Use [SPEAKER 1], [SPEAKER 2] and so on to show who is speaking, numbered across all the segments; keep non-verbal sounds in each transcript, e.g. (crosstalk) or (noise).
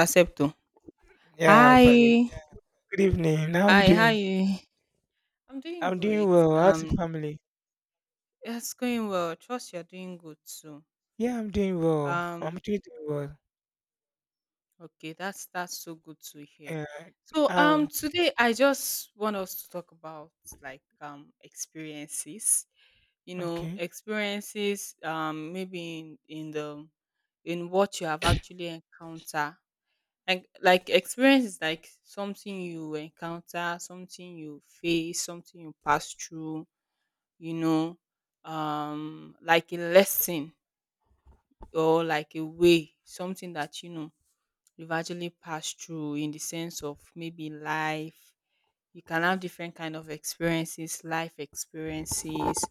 [SPEAKER 1] Accepto.
[SPEAKER 2] Yeah, I'm fine.
[SPEAKER 1] Hi.
[SPEAKER 2] Good evening. How are you
[SPEAKER 1] Hi, how are
[SPEAKER 2] doing?
[SPEAKER 1] you? I'm doing
[SPEAKER 2] I'm doing
[SPEAKER 1] great.
[SPEAKER 2] well. How's the family?
[SPEAKER 1] It's going well. Trust you're doing good too.
[SPEAKER 2] Yeah, I'm doing well. I'm
[SPEAKER 1] Um,
[SPEAKER 2] doing well.
[SPEAKER 1] okay, that's so good to hear.
[SPEAKER 2] Yeah.
[SPEAKER 1] So
[SPEAKER 2] Um.
[SPEAKER 1] today I just want us to talk about like experiences. You know,
[SPEAKER 2] Okay.
[SPEAKER 1] experiences maybe in the in what you have actually encountered. Like experience is like something you encounter, something you face, something you pass through you know, like a lesson or like a way, something that, you know, you've actually passed through in the sense of maybe life. You can have different kind of experiences, life experiences,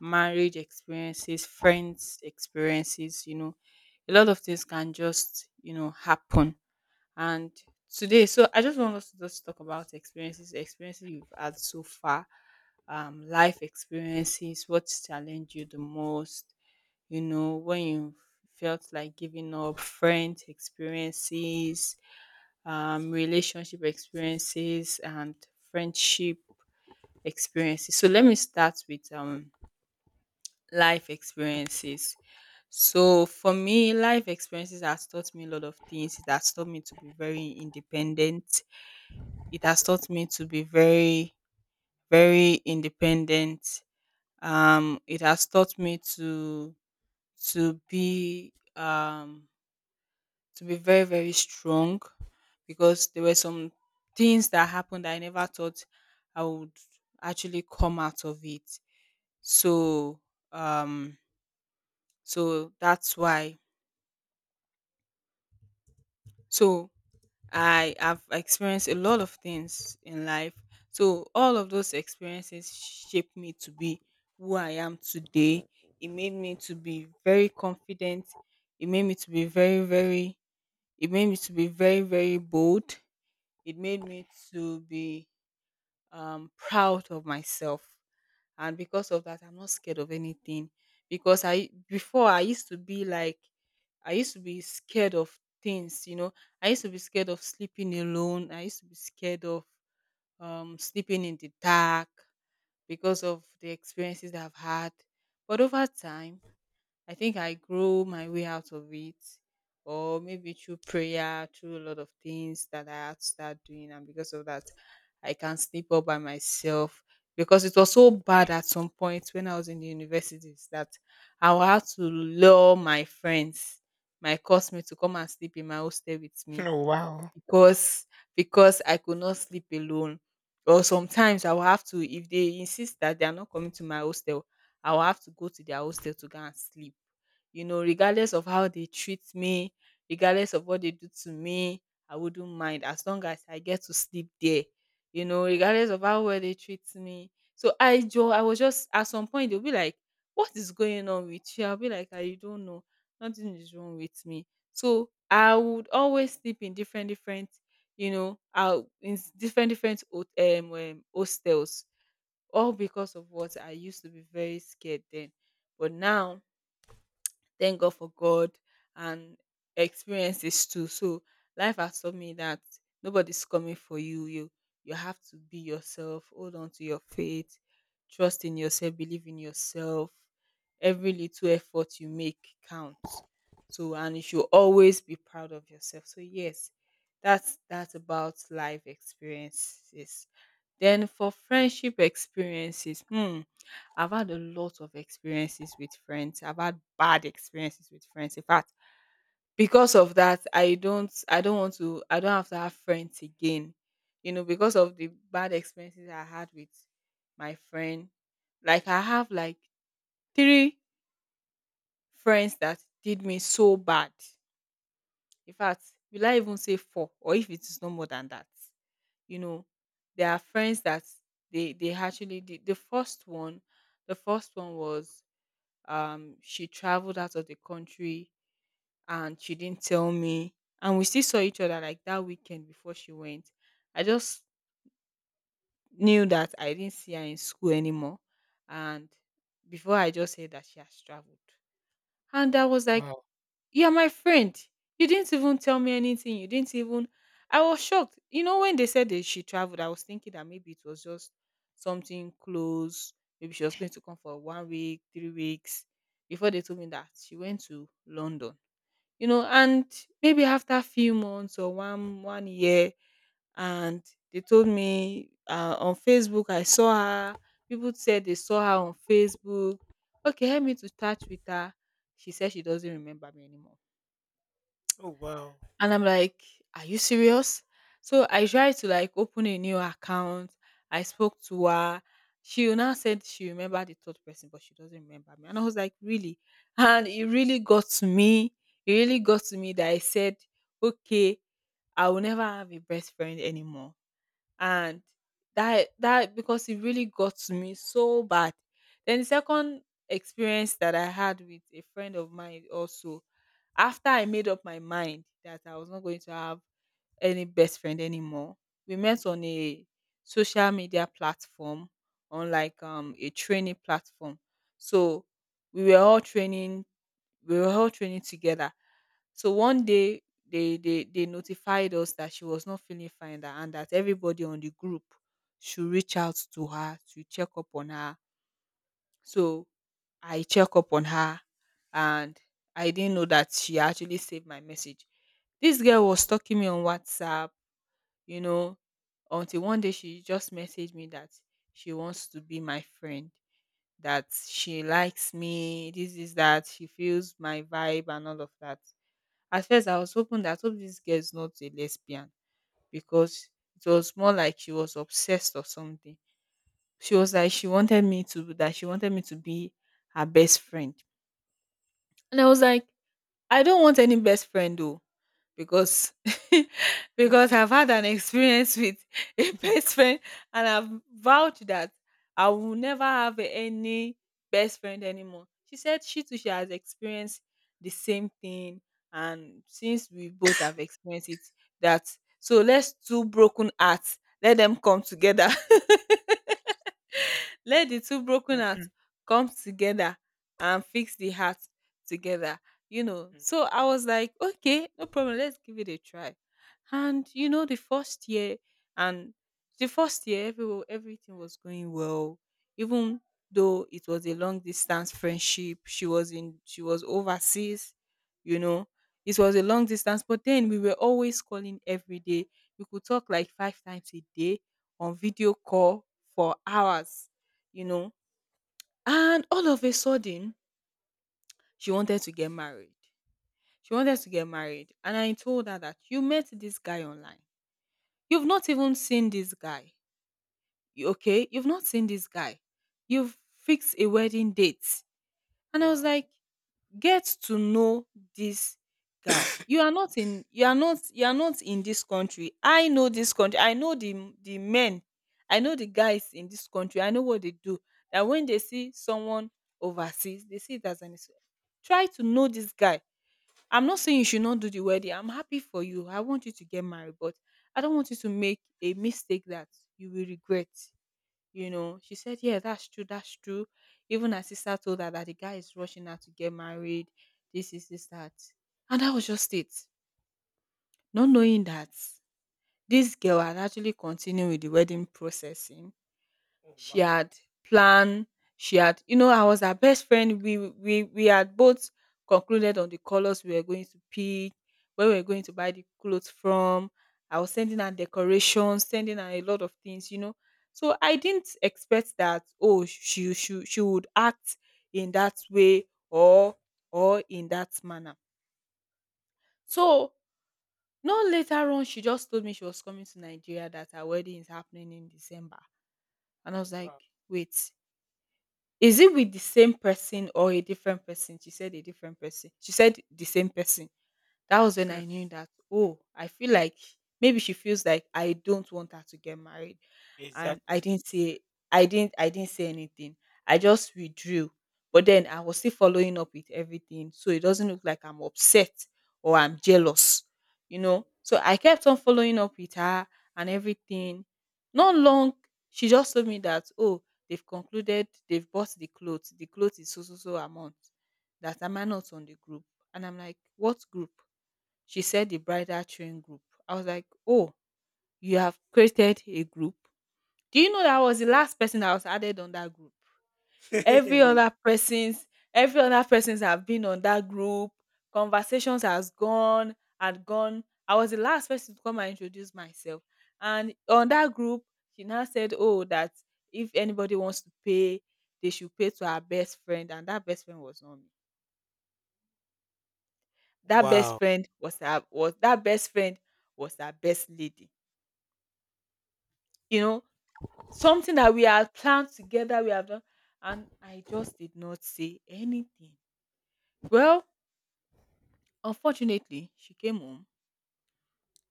[SPEAKER 1] marriage experiences, friends experiences, you know. A lot of things can just, you know, happen and today, so I just want us to just talk about experiences, experiences you've had so far, life experiences, what's challenged you the most, you know, when you felt like giving up, friend experiences, relationship experiences, and friendship experiences. So let me start with life experiences. So for me, life experiences has taught me a lot of things. It has taught me to be very independent. It has taught me to be very, very independent. It has taught me to to be to be very, very strong because there were some things that happened that I never thought I would actually come out of it. So um so that's why so I have experienced a lot of things in life. So all of those experiences shaped me to be who I am today. It made me to be very confident. It made me to be very, it made me to be very, very bold. It made me to be proud of myself. And because of that, I'm not scared of anything. Because I before I used to be like I used to be scared of things, you know. I used to be scared of sleeping alone. I used to be scared of sleeping in the dark because of the experiences that I've had. But over time, I think I grow my way out of it, or maybe through prayer, through a lot of things that I had to start doing, and because of that, I can sleep all by myself. Because it was so bad at some point when I was in the universities that I would have to lure my friends, my classmates, to come and sleep in my hostel with
[SPEAKER 2] (laughs)
[SPEAKER 1] me
[SPEAKER 2] Oh wow.
[SPEAKER 1] because because I could not sleep alone. Or sometimes I will have to, if they insist that they are not coming to my hostel, I will have to go to their hostel to go and sleep. You know, regardless of how they treat me, regardless of what they do to me, I wouldn't mind as long as I get to sleep there. You know, regardless of how well they treat me. So I was just at some point they'll be like, "What is going on with you?" I'll be like, "I don't know. Nothing is wrong with me." So I would always sleep in different different, you know, different different hostels, all because of what I used to be very scared then. But now thank God for God and experiences too. So life has taught me that nobody's coming for you. You have to be yourself, hold on to your faith, trust in yourself, believe in yourself. Every little effort you make counts. So and you should always be proud of yourself. So yes, that's about life experiences. Then for friendship experiences, hmm, I've had a lot of experiences with friends. I've had bad experiences with friends. In fact, because of that, I don't have to have friends again. You know, because of the bad experiences I had with my friend. Like I have like three friends that did me so bad. In fact, will I even say four or if it is no more than that? You know, there are friends that they actually did the first one was she traveled out of the country and she didn't tell me and we still saw each other like that weekend before she went. I just knew that I didn't see her in school anymore and before I just said that she has traveled and I was like,
[SPEAKER 2] Wow.
[SPEAKER 1] "You're my friend. You didn't even tell me anything. You didn't even —" I was shocked. You know, when they said that she traveled, I was thinking that maybe it was just something close. Maybe she was going to come for one week, 3 weeks. Before they told me that she went to London. You know, and maybe after a few months or one year, and they told me on Facebook I saw her. People said they saw her on Facebook. Okay, help me to touch with her. She said she doesn't remember me anymore.
[SPEAKER 2] Oh wow.
[SPEAKER 1] And I'm like, "Are you serious?" So I tried to like open a new account. I spoke to her. She now said she remembered the third person, but she doesn't remember me. And I was like, really? And it really got to me. It really got to me that I said, okay, I will never have a best friend anymore and that because it really got to me so bad. Then the second experience that I had with a friend of mine also after I made up my mind that I was not going to have any best friend anymore. We met on a social media platform, on like a training platform. So we were all training we were all training together. So one day they notified us that she was not feeling fine that, and that everybody on the group should reach out to her to check up on her. So I check up on her and I didn't know that she actually saved my message. This girl was stalking me on WhatsApp, you know, until one day she just messaged me that she wants to be my friend, that she likes me, this is that, she feels my vibe and all of that. At first, I was hoping that hope this girl is not a lesbian because it was more like she was obsessed or something. She was like she wanted me to that she wanted me to be her best friend, and I was like, I don't want any best friend though because (laughs) because I've
[SPEAKER 2] (laughs)
[SPEAKER 1] had an experience with (laughs) a best friend and I've vowed that I will never have any best friend anymore. She said she too she has experienced the same thing and since we both have experienced it that so let's two broken hearts let them come together let the two broken hearts come together and fix the heart together. You know, so I was like, okay, no problem, let's give it a try. And you know, and the first year, everything was going well. Even though it was a long distance friendship, she was overseas. You know, it was a long distance, but then we were always calling every day. We could talk like five times a day on video call for hours you know. And all of a sudden, she wanted to get married. She wanted to get married. And I told her that you met this guy online. You've not even seen this guy. Okay? You've not seen this guy. You've fixed a wedding date. And I was
[SPEAKER 2] Wow.
[SPEAKER 1] like, get to know this guy. You are not in this country. I know this country. I know the men. I know the guys in this country. I know what they do. That when they see someone overseas, they see it as an excuse. Try to know this guy. I'm not saying you should not do the wedding. I'm happy for you. I want you to get married, but I don't want you to make a mistake that you will regret. You know she said yeah, that's true. Even her sister told her that the guy is rushing her to get married, this is this that, and that was just it. Not knowing that this girl had actually continued with the wedding processing,
[SPEAKER 2] Oh
[SPEAKER 1] she
[SPEAKER 2] wow.
[SPEAKER 1] had planned, she had, you know, I was her best friend. We had both concluded on the colors we were going to pick, where we were going to buy the clothes from. I was sending her decorations, sending her a lot of things, you know. So I didn't expect that oh she would act in that way or in that manner. So no later on, she just told me she was coming to Nigeria that her wedding is happening in December. And I
[SPEAKER 2] Oh
[SPEAKER 1] was like,
[SPEAKER 2] wow.
[SPEAKER 1] wait, is it with the same person or a different person? She said a different person. She said the same person. That was when I
[SPEAKER 2] (laughs)
[SPEAKER 1] knew that, oh, I feel like maybe she feels like I don't want her to get married. And I
[SPEAKER 2] Exactly.
[SPEAKER 1] didn't say I didn't I didn't say anything. I just withdrew. But then I was still following up with everything, so it doesn't look like I'm upset or I'm jealous. You
[SPEAKER 2] True.
[SPEAKER 1] know? So I kept on following up with her and everything. Not long, she just told me that, oh, they've concluded, they've bought the clothes. The clothes is so so so amount that am I not on the group? And I'm like, what group? She said the bridal train group. I was like, oh, you have created a group. Do you know that I was the last person that was added on that group? Every
[SPEAKER 2] (laughs)
[SPEAKER 1] other person's, every other person's have been on that group. Conversations has gone, had gone. I was the last person to come and introduce myself. And on that group, she now said, oh, that if anybody wants to pay, they should pay to her best friend. And that best friend was not me. That best
[SPEAKER 2] Wow.
[SPEAKER 1] friend was her was that best friend was her best lady. You know, something that we had planned together we have done, and I just did not say anything. Well, unfortunately she came home,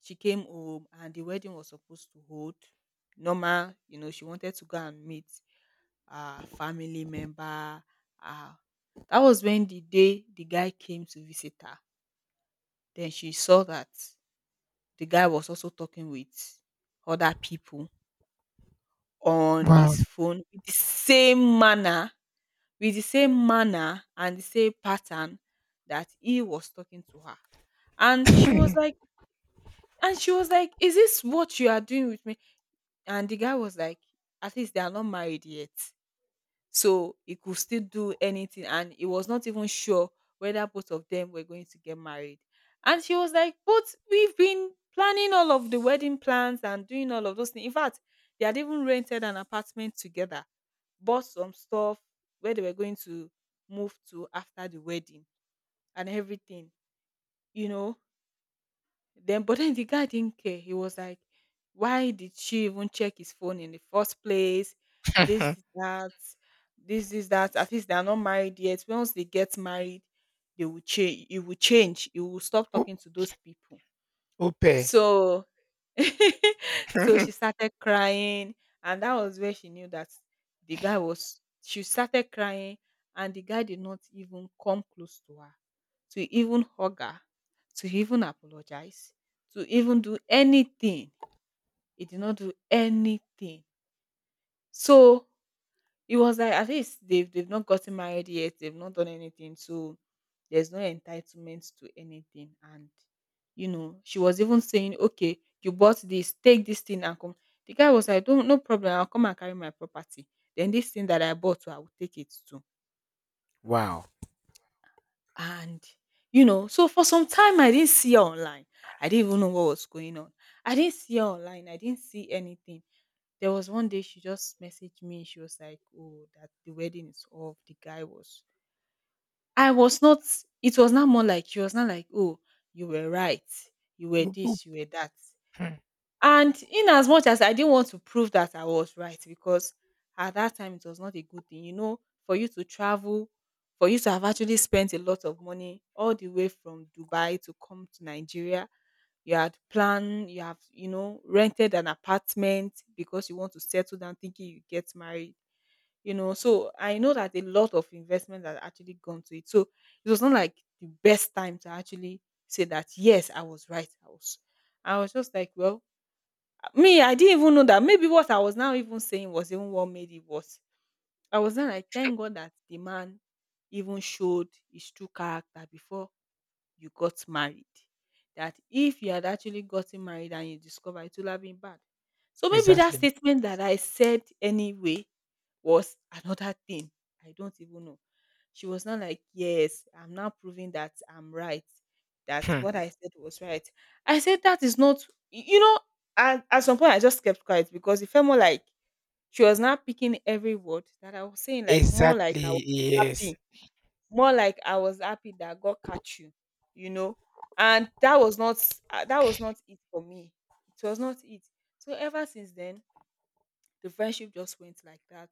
[SPEAKER 1] she came home and the wedding was supposed to hold normal. You know, she wanted to go and meet a family member. uh, that was when the day the guy came to visit her, then she saw that the guy was also talking with other people on
[SPEAKER 2] Wow.
[SPEAKER 1] his phone with the same manner with the same manner and the same pattern that he was talking to her. And she was like, and she was like, is this what you are doing with me? And the guy was like, at least they are not married yet. So he could still do anything. And he was not even sure whether both of them were going to get married. And she was like, but we've been planning all of the wedding plans and doing all of those things. In fact, they had even rented an apartment together, bought some stuff where they were going to move to after the wedding and everything, you know. Then, but then the guy didn't care. He was like, why did she even check his phone in the first place? This,
[SPEAKER 2] (laughs)
[SPEAKER 1] that, this, that. At least they are not married yet. Once they get married, they will change. It will change. It will stop
[SPEAKER 2] O-
[SPEAKER 1] talking to those people.
[SPEAKER 2] Ope.
[SPEAKER 1] So (laughs) so she
[SPEAKER 2] (laughs)
[SPEAKER 1] started crying, and that was where she knew that the guy was. She started crying, and the guy did not even come close to her, to even hug her, to even apologize, to even do anything. He did not do anything. So it was like at least they've not gotten married yet, they've not done anything, so there's no entitlement to anything. And you know, she was even saying, okay, you bought this, take this thing and come. The guy was like, don't, no problem, I'll come and carry my property. Then this thing that I bought, I will take it too.
[SPEAKER 2] Wow.
[SPEAKER 1] And you know, so for some time I didn't see her online. I didn't even know what was going on. I didn't see her online, I didn't see anything. There was one day she just messaged me, she was like, oh, that the wedding is off, the guy was, I was not. It was not more like she was not like, "Oh, you were right. You were
[SPEAKER 2] Oop, oop.
[SPEAKER 1] this, you were that."
[SPEAKER 2] Hmm.
[SPEAKER 1] And in as much as I didn't want to prove that I was right, because at that time it was not a good thing, you know, for you to travel, for you to have actually spent a lot of money all the way from Dubai to come to Nigeria. You had planned, you have, you know, rented an apartment because you want to settle down thinking you get married. You know, so I know that a lot of investment has actually gone to it, so it was not like the best time to actually say that yes, I was right, I was, I was just like, well, me I didn't even know that maybe what I was now even saying was even what made it worse. I was not like, thank God that the man even showed his true character before you got married. That if you had actually gotten married and you discover, it would have been bad. So maybe that
[SPEAKER 2] Exactly. (laughs)
[SPEAKER 1] statement that I said anyway was another thing. I don't even know. She was not like, yes, I'm now proving that I'm right, that
[SPEAKER 2] Hmm.
[SPEAKER 1] what I said was right. I said, that is not, you know, and at some point I just kept quiet because it felt more like she was not picking every word that I was saying, like more like I was
[SPEAKER 2] Exactly. Yes.
[SPEAKER 1] happy, more like I was happy that God catch you, you know. And that was not it for me, it was not it. So ever since then the friendship just went like that.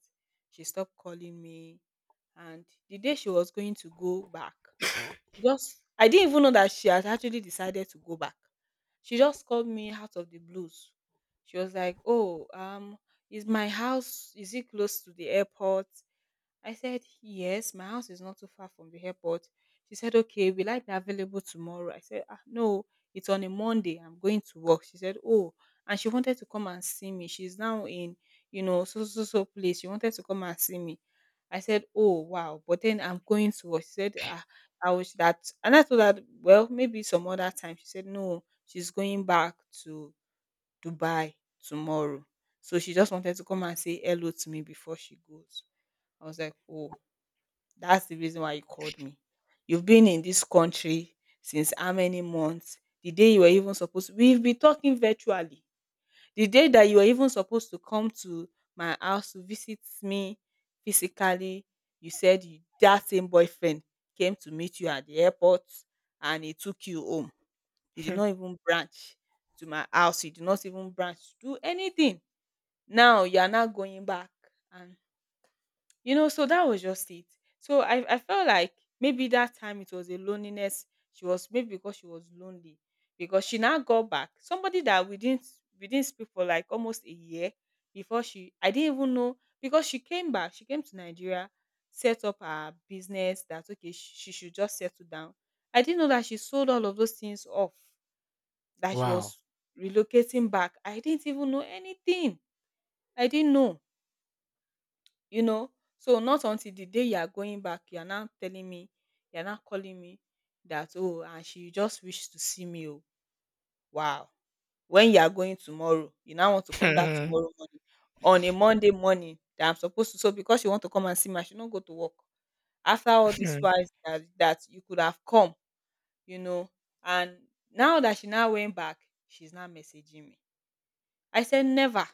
[SPEAKER 1] She stopped calling me, and the day she was going to go back, she just, I didn't even know that she had actually decided to go back. She just called me out of the blues. She was like, oh is my house, is it close to the airport? I said, yes, my house is not too far from the airport. She said, okay, will I be available tomorrow? I said, ah, no, it's on a Monday. I'm going to work. She said, oh, and she wanted to come and see me. She's now in, you know, so, so, so place. She wanted to come and see me. I said, oh, wow. But then I'm going to work. She said, ah, I wish that. And I told her, well, maybe some other time. She said, no, she's going back to Dubai tomorrow. So she just wanted to come and say hello to me before she goes. I was like, oh, that's the reason why you called me. You've been in this country since how many months? The day you were even supposed, we've been talking virtually. The day that you were even supposed to come to my house to visit me physically, you said you, that same boyfriend came to meet you at the airport and he took you home. You did
[SPEAKER 2] Hmm.
[SPEAKER 1] not even branch to my house. You did not even branch to do anything. Now you are now going back, and you know, so that was just it. So I felt like maybe that time it was a loneliness. She was maybe because she was lonely, because she now got back somebody that we didn't speak for like almost a year before she, I didn't even know, because she came back. She came to Nigeria, set up her business. That okay, she should just settle down. I didn't know that she sold all of those things off. That she
[SPEAKER 2] Wow.
[SPEAKER 1] was relocating back. I didn't even know anything. I didn't know, you know, so not until the day you are going back you are now telling me, you are now calling me that oh, and she just wished to see me. Oh, wow, when you are going tomorrow you now want to come that
[SPEAKER 2] (laughs)
[SPEAKER 1] tomorrow morning, on a Monday morning that I'm supposed to, so because you want to come and see me I should not go to work. After all this while, that, that you could have come, you know, and now that she now went back, she's now messaging me. I said never.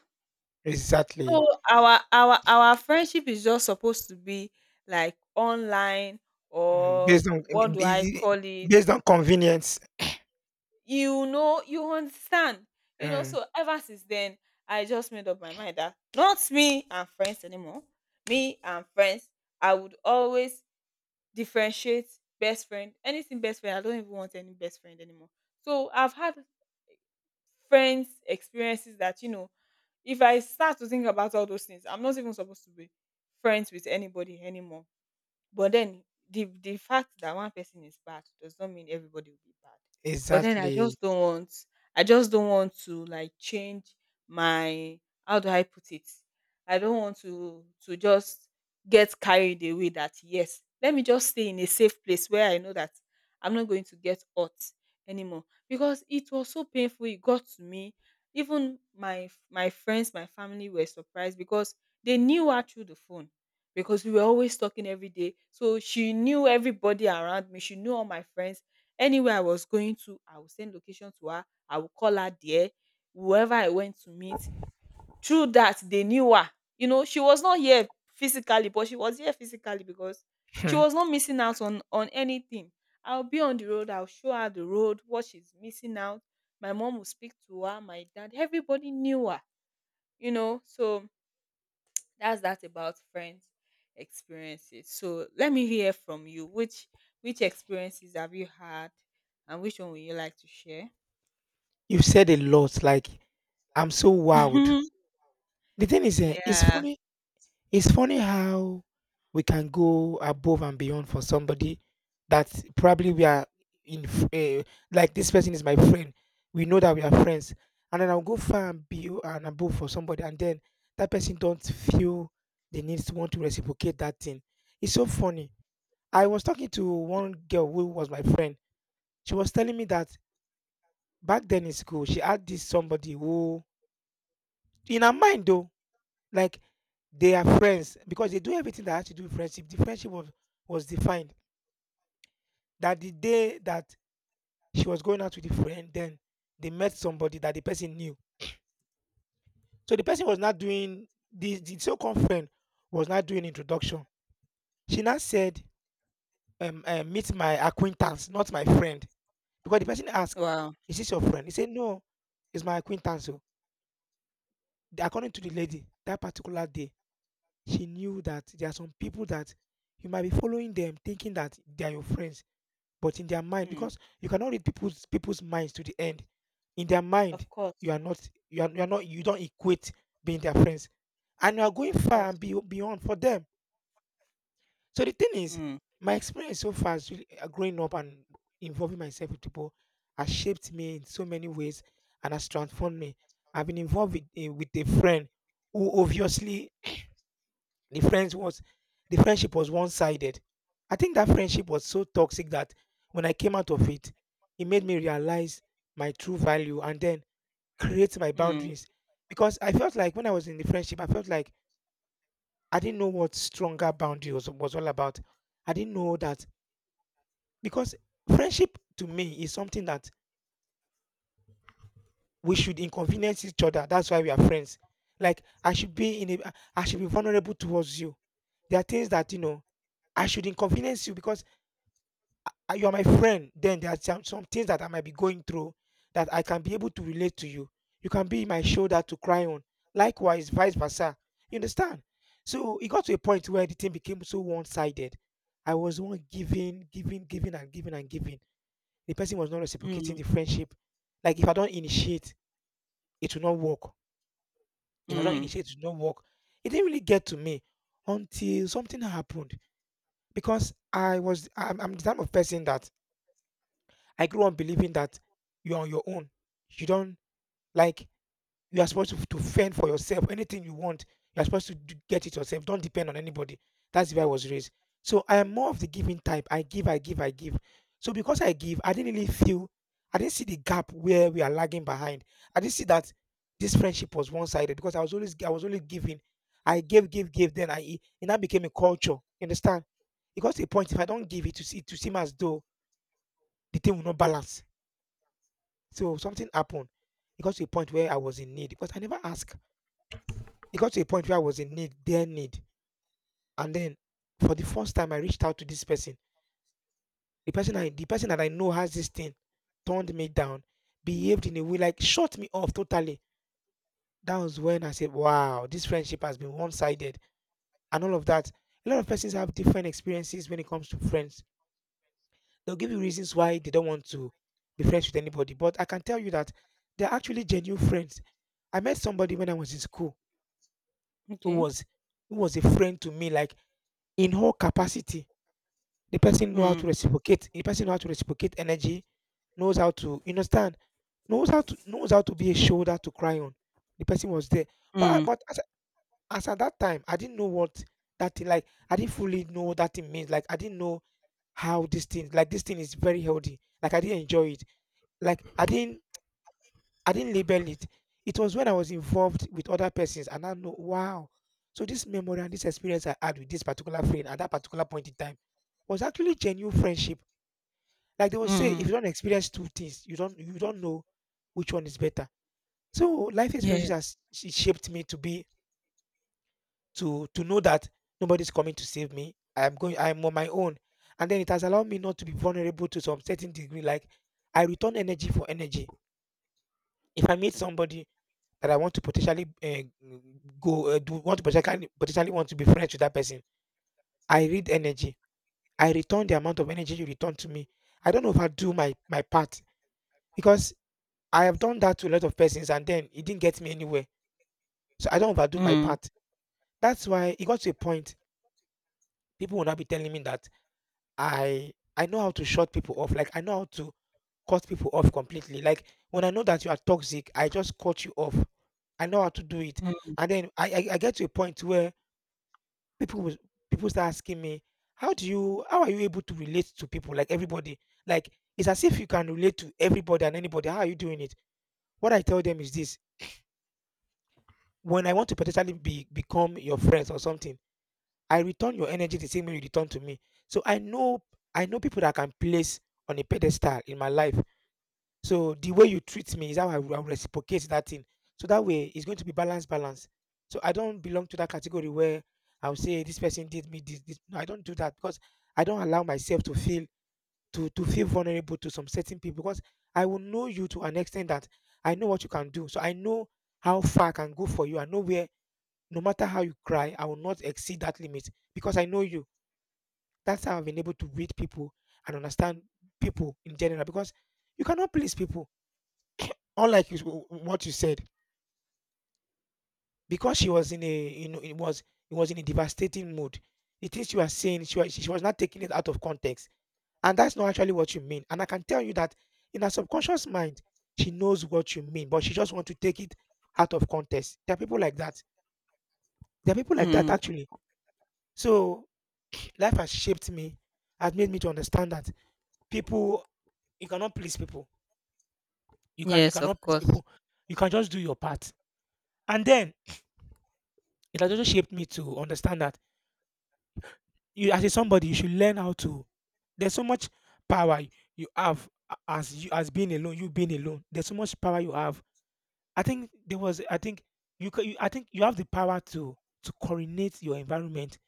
[SPEAKER 1] So
[SPEAKER 2] Exactly.
[SPEAKER 1] our our friendship is just supposed to be like online
[SPEAKER 2] Mhm.
[SPEAKER 1] or
[SPEAKER 2] Based on I
[SPEAKER 1] what
[SPEAKER 2] mean,
[SPEAKER 1] do I
[SPEAKER 2] basi
[SPEAKER 1] call it?
[SPEAKER 2] based on convenience.
[SPEAKER 1] You know, you understand. You know,
[SPEAKER 2] Mm,
[SPEAKER 1] so ever since then, I just made up my mind that not me and friends anymore. Me and friends, I would always differentiate best friend. Anything best friend, I don't even want any best friend anymore. So I've had friends experiences that you know, if I start to think about all those things I'm not even supposed to be friends with anybody anymore. But then the fact that one person is bad does not mean everybody will be bad. But then I
[SPEAKER 2] exactly.
[SPEAKER 1] just don't want I just don't want to like change my, how do I put it? I don't want to just get carried away. That yes, let me just stay in a safe place where I know that I'm not going to get hurt anymore, because it was so painful it got to me. Even my friends, my family were surprised because they knew her through the phone, because we were always talking every day. So she knew everybody around me. She knew all my friends. Anywhere I was going to, I would send location to her. I would call her there. Whoever I went to meet, through that, they knew her. You know, she was not here physically, but she was here physically because she
[SPEAKER 2] Hmm.
[SPEAKER 1] was not missing out on anything. I'll be on the road. I'll show her the road, what she's missing out. My mom will speak to her, my dad. Everybody knew her, you know. So that's that about friends' experiences. So let me hear from you. Which experiences have you had, and which one would you like to share?
[SPEAKER 2] You said a lot, like, I'm so wowed.
[SPEAKER 1] (laughs)
[SPEAKER 2] The thing is, it's
[SPEAKER 1] Yeah.
[SPEAKER 2] funny how we can go above and beyond for somebody that probably we are in f eh, like, "This person is my friend." We know that we are friends, and then I'll go far and beyo and above for somebody, and then that person don't feel the need to want to reciprocate that thing. It's so funny. I was talking to one girl who was my friend. She was telling me that back then in school, she had this somebody who, in her mind though, like, they are friends because they do everything that had to do with friendship. The friendship was defined that the day that she was going out with the friend, then they met somebody that the person knew. So the person was not doing, the so called friend was not doing introduction. She now said, meet my acquaintance, not my friend. Because the person asked,
[SPEAKER 1] Wow.
[SPEAKER 2] "Is this your friend?" He said, "No, it's my acquaintance." Oh. According to the lady, that particular day, she knew that there are some people that you might be following them, thinking that they are your friends, but in their mind,
[SPEAKER 1] Mm.
[SPEAKER 2] because you cannot read people's minds to the end. In their mind,
[SPEAKER 1] Of
[SPEAKER 2] you
[SPEAKER 1] course.
[SPEAKER 2] are not, you are not, you don't equate being their friends, and you are going
[SPEAKER 1] Of
[SPEAKER 2] far
[SPEAKER 1] course.
[SPEAKER 2] and beyond for them. So the thing is,
[SPEAKER 1] Mm.
[SPEAKER 2] my experience so far is really, growing up and involving myself with people has shaped me in so many ways and has transformed me. I've been involved with, with a friend who obviously the friends was the friendship was one sided. I think that friendship was so toxic that when I came out of it, it made me realize my true value and then create my
[SPEAKER 1] Mm.
[SPEAKER 2] boundaries. Because I felt like when I was in the friendship, I felt like I didn't know what stronger boundaries was all about. I didn't know that. Because friendship to me is something that we should inconvenience each other. That's why we are friends. Like, I should I should be vulnerable towards you. There are things that, you know, I should inconvenience you because, you are my friend. Then there are some things that I might be going through that I can be able to relate to you. You can be my shoulder to cry on. Likewise, vice versa. You understand? So it got to a point where the thing became so one-sided. I was the one giving, giving, giving, and giving and giving. The person was not reciprocating
[SPEAKER 1] Mm.
[SPEAKER 2] the friendship. Like, if I don't initiate, it will not work. If I don't
[SPEAKER 1] Mm.
[SPEAKER 2] initiate, it will not work. It didn't really get to me until something happened, because I'm the type of person that I grew up believing that you're on your own. You don't, like, you are supposed to fend for yourself. Anything you want, you are supposed to get it yourself. Don't depend on anybody. That's the way I was raised. So I am more of the giving type. I give, I give, I give. So because I give, I didn't really feel, I didn't see the gap where we are lagging behind. I didn't see that this friendship was one-sided because I was always, I was only giving. I gave, gave, gave. Then I, it now became a culture. You understand? It got to a point, if I don't give it, to seem as though the thing will not balance. So something happened. It got to a point where I was in need, because I never asked. It got to a point where I was in need, their need, and then for the first time, I reached out to this person. The person I, the person that I know has this thing, turned me down, behaved in a way like shut me off totally. That was when I said, "Wow, this friendship has been one-sided," and all of that. A lot of persons have different experiences when it comes to friends. They'll give you reasons why they don't want to be friends with anybody, but I can tell you that they're actually genuine friends. I met somebody when I was in school who
[SPEAKER 1] Okay.
[SPEAKER 2] was who was a friend to me, like in whole capacity. The person know how to
[SPEAKER 1] Mm.
[SPEAKER 2] reciprocate, the person know how to reciprocate energy, knows how to, you understand, knows how to be a shoulder to cry on. The person was there. But
[SPEAKER 1] Mm.
[SPEAKER 2] as at that time, I didn't know what that thing, like, I didn't fully know what that thing means. Like, I didn't know how this thing, like, this thing is very healthy. Like, I didn't enjoy it. Like, I didn't label it. It was when I was involved with other persons, and I know, wow, so this memory and this experience I had with this particular friend at that particular point in time was actually genuine friendship. Like they will say, if you
[SPEAKER 1] Mm.
[SPEAKER 2] don't experience two things, you don't know which one is better. So life experiences
[SPEAKER 1] Yes.
[SPEAKER 2] has shaped me to be to know that nobody's coming to save me. I'm on my own. And then it has allowed me not to be vulnerable to some certain degree. Like, I return energy for energy. If I meet somebody that I want to potentially potentially want to be friends with that person, I read energy. I return the amount of energy you return to me. I don't overdo my part, because I have done that to a lot of persons, and then it didn't get me anywhere. So I don't overdo my
[SPEAKER 1] Mm.
[SPEAKER 2] part. That's why it got to a point people will not be telling me that I know how to shut people off. Like, I know how to cut people off completely. Like, when I know that you are toxic, I just cut you off. I know how to do it.
[SPEAKER 1] Mm.
[SPEAKER 2] And then I get to a point where people will, people start asking me, how are you able to relate to people, like, everybody? Like, it's as if you can relate to everybody and anybody. How are you doing it? What I tell them is this: when I want to potentially be become your friends or something, I return your energy the same way you return to me. So I know people that I can place on a pedestal in my life. So the way you treat me is how I will reciprocate that thing. So that way, it's going to be balance, balance. So I don't belong to that category where I'll say this person did me this, this. No, I don't do that, because I don't allow myself to feel, to feel vulnerable to some certain people, because I will know you to an extent that I know what you can do. So I know how far I can go for you. I know where, no matter how you cry, I will not exceed that limit, because I know you. That's how I've been able to read people and understand people in general, because you cannot please people. Unlike you, what you said, because she was in a, it was in a devastating mood. The things she was saying, she was not taking it out of context, and that's not actually what you mean. And I can tell you that in her subconscious mind, she knows what you mean, but she just want to take it out of context. There are people like that. There are people like that
[SPEAKER 1] Mm.
[SPEAKER 2] actually. So (clears throat) life has shaped me, has made me to understand that people, you cannot please people. You
[SPEAKER 1] Yes. Of
[SPEAKER 2] cannot please
[SPEAKER 1] course.
[SPEAKER 2] people. You can just do your part. And then it has also shaped me to understand that you as a somebody, you should learn how to, there's so much power, you have, as you, as being alone, you being alone. There's so much power you have. I think you, ca- you I think you have the power to coordinate your environment,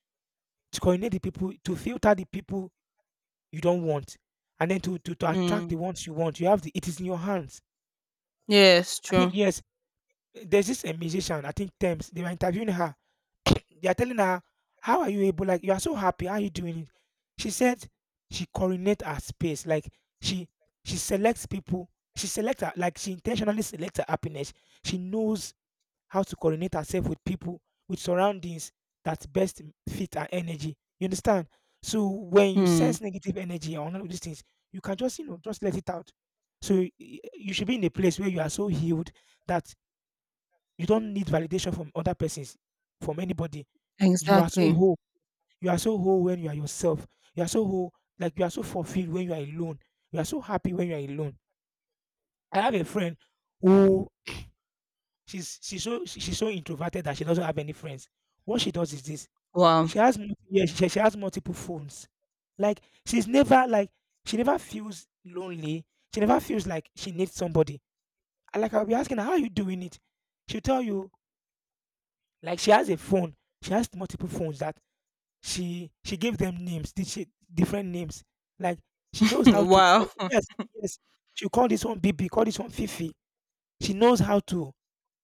[SPEAKER 2] to coordinate the people, to filter the people you don't want. And then to attract
[SPEAKER 1] Mm.
[SPEAKER 2] the ones you want, you have the it is in your hands.
[SPEAKER 1] Yes,
[SPEAKER 2] I think
[SPEAKER 1] true.
[SPEAKER 2] yes, there's this a musician, I think Thames. They were interviewing her. (clears throat) They are telling her, "How are you able? Like, you are so happy, how are you doing it?" She said she coordinates her space. Like, she she selects people, she selects her like she intentionally selects her happiness. She knows how to coordinate herself with people, with surroundings that best fit her energy. You understand? So when you
[SPEAKER 1] Mm,
[SPEAKER 2] sense negative energy or none of these things, you can just you know just let it out. So you should be in a place where you are so healed that you don't need validation from other persons, from anybody. You are so
[SPEAKER 1] exactly.
[SPEAKER 2] whole. You are so whole when you are yourself. You are so whole, like you are so fulfilled when you are alone. You are so happy when you are alone. I have a friend who she's so introverted that she doesn't have any friends. What she does is this:
[SPEAKER 1] Wow.
[SPEAKER 2] yeah, she has multiple phones. Like she's never like she never feels lonely. She never feels like she needs somebody. Like, I'll be asking her, "How are you doing it?" She'll tell you like she has a phone. She has multiple phones that she gave them names, did she different names. Like she
[SPEAKER 1] (laughs)
[SPEAKER 2] knows how to
[SPEAKER 1] Wow. (laughs)
[SPEAKER 2] yes, yes. She will call this one BB, call this one Fifi. She knows how to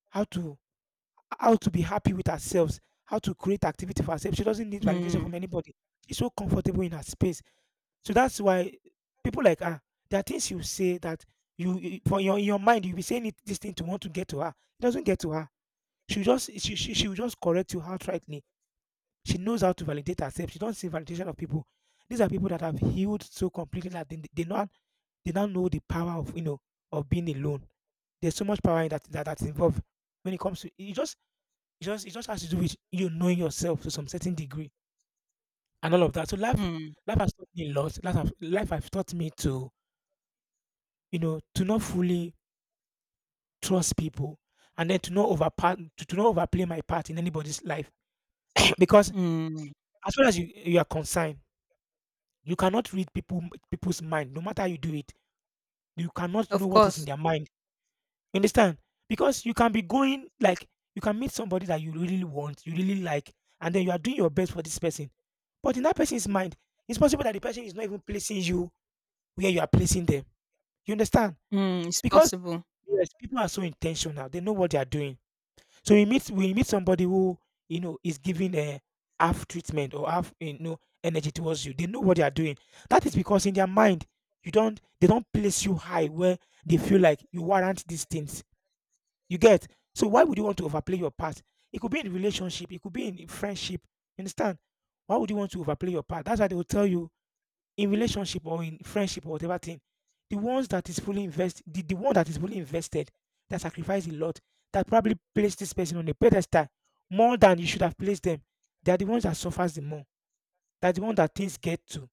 [SPEAKER 2] how to be happy with herself, how to create activity for herself. She doesn't need validation from
[SPEAKER 1] Mm,
[SPEAKER 2] anybody. She's so comfortable in her space. So that's why people like her, there are things you say that you- for your in your mind you'll be saying it, this thing to want to get to her. It doesn't get to her. She will just correct you outrightly. She knows how to validate herself. She don't see validation of people. These are people that have healed so completely that they not they now know the power of you know of being alone. There's so much power in that, that's involved when it comes to you just it just it just has to do with you knowing yourself to some certain degree and all of that. So life
[SPEAKER 1] mm,
[SPEAKER 2] life has taught me a lot. Life has taught me to you know to not fully trust people, and then to not overplay my part in anybody's life. (clears throat) Because
[SPEAKER 1] mm.
[SPEAKER 2] as far as you are concerned, you cannot read people's mind no matter how you do it. You cannot know
[SPEAKER 1] Of
[SPEAKER 2] what is in
[SPEAKER 1] course.
[SPEAKER 2] their mind. You understand? Because you can be going like you can meet somebody that you really want, you really like, and then you are doing your best for this person. But in that person's mind, it's possible that the person is not even placing you where you are placing them. You understand?
[SPEAKER 1] Mm, it's
[SPEAKER 2] Because
[SPEAKER 1] possible.
[SPEAKER 2] yes, people are so intentional; they know what they are doing. So we meet somebody who is giving a half treatment or half energy towards you. They know what they are doing. That is because in their mind, you don't, they don't place you high where they feel like you warrant these things, you get? So why would you want to overplay your part? It could be in relationship, it could be in friendship. You understand? Why would you want to overplay your part? That's why they will tell you, in relationship or in friendship or whatever thing, the ones that is fully invested, the one that is fully invested, that sacrificed a lot, that probably placed this person on a pedestal more than you should have placed them. They are the ones that suffers the more. They're the one that things get to.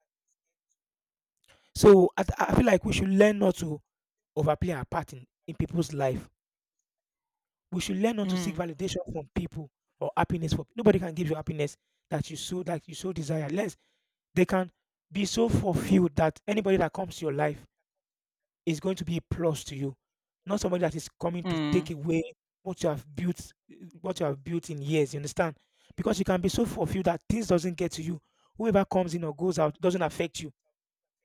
[SPEAKER 2] So I feel like we should learn not to overplay our part in people's life. We should learn not to seek
[SPEAKER 1] Mm,
[SPEAKER 2] validation from people, or happiness, for nobody can give you happiness that you so desire. Less they can be so fulfilled that anybody that comes to your life is going to be a plus to you, not somebody that is coming to take
[SPEAKER 1] mm,
[SPEAKER 2] away what you have built, what you have built in years. You understand? Because you can be so fulfilled that things doesn't get to you. Whoever comes in or goes out doesn't affect you.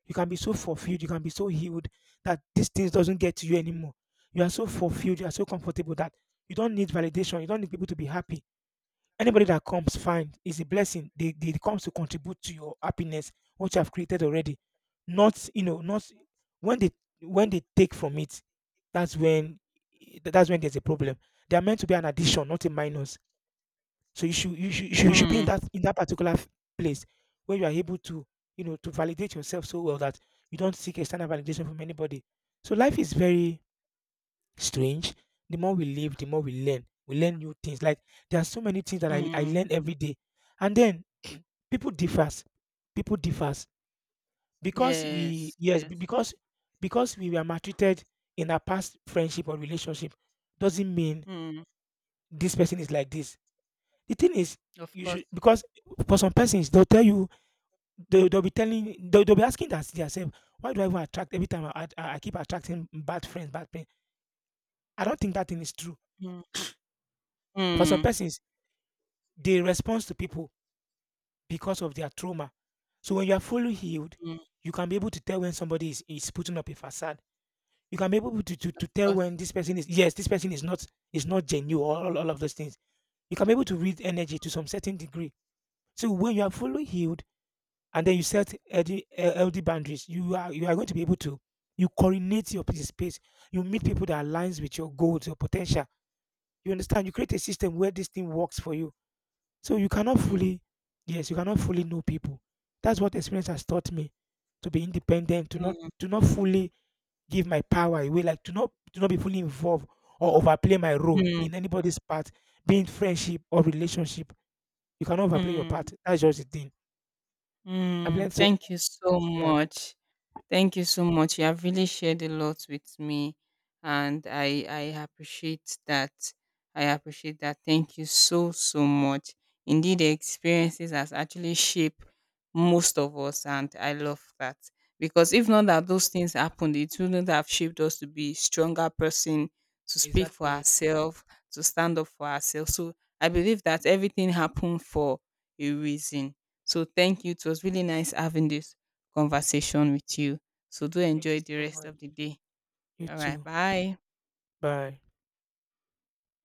[SPEAKER 2] You can be so fulfilled, you can be so healed that these things doesn't get to you anymore. You are so fulfilled, you are so comfortable that you don't need validation, you don't need people to be happy. Anybody that comes, fine, is a blessing. They comes to contribute to your happiness, what you have created already. Not, not when they take from it, that's when that's when there's a problem. They are meant to be an addition, not a minus. So you should be in
[SPEAKER 1] mm,
[SPEAKER 2] that in that particular place where you are able to validate yourself so well that you don't seek external validation from anybody. So life is very strange. The more we live, the more we learn. We learn new things. Like, there are so many things that I
[SPEAKER 1] mm.
[SPEAKER 2] learn every day. And then (clears throat) people differs. People differs, because we,
[SPEAKER 1] Yes,
[SPEAKER 2] yes, be-
[SPEAKER 1] yes.
[SPEAKER 2] because we were maltreated in our past friendship or relationship doesn't mean
[SPEAKER 1] Mm,
[SPEAKER 2] this person is like this. The thing is,
[SPEAKER 1] of
[SPEAKER 2] you
[SPEAKER 1] course.
[SPEAKER 2] should, because for some persons, they'll tell you they'll be telling they'll be asking that themselves, "Why do I even attract? Every time I keep attracting bad friends, bad pain." I don't think that thing is true.
[SPEAKER 1] Mm,
[SPEAKER 2] For some
[SPEAKER 1] mm,
[SPEAKER 2] persons, they respond to people because of their trauma. So when you are fully healed,
[SPEAKER 1] mm,
[SPEAKER 2] you can be able to tell when somebody is putting up a facade. You can be able to, to,
[SPEAKER 1] of
[SPEAKER 2] to tell when
[SPEAKER 1] course.
[SPEAKER 2] this person is yes this person is not genuine, all of those things. You can be able to read energy to some certain degree. So when you are fully healed and then you set healthy boundaries, you are going to be able to you coordinate your space. You meet people that aligns with your goals, your potential. You understand. You create a system where this thing works for you. So you cannot
[SPEAKER 1] Mm,
[SPEAKER 2] fully, yes, you cannot fully know people. That's what experience has taught me: to be independent, to not
[SPEAKER 1] mm,
[SPEAKER 2] to not fully give my power away, like to not be fully involved or overplay my role
[SPEAKER 1] mm,
[SPEAKER 2] in anybody's part, be in friendship or relationship. You cannot overplay your
[SPEAKER 1] mm,
[SPEAKER 2] part. That's just the thing. I've
[SPEAKER 1] mm.
[SPEAKER 2] learned so.
[SPEAKER 1] Thank you so
[SPEAKER 2] Yeah,
[SPEAKER 1] much. Thank you so much. You have really shared a lot with me, and I appreciate that. I appreciate that. Thank you so so much. Indeed, the experiences has actually shaped most of us, and I love that because if not that those things happened, it wouldn't have shaped us to be stronger person, to speak for
[SPEAKER 2] exactly.
[SPEAKER 1] ourselves, to stand up for ourselves. So I believe that everything happened for a reason. So thank you. It was really nice having this conversation with you. So do
[SPEAKER 2] Thank
[SPEAKER 1] enjoy
[SPEAKER 2] you
[SPEAKER 1] the
[SPEAKER 2] so
[SPEAKER 1] rest
[SPEAKER 2] much.
[SPEAKER 1] of the day.
[SPEAKER 2] You
[SPEAKER 1] All right.
[SPEAKER 2] too.
[SPEAKER 1] Bye.
[SPEAKER 2] Bye.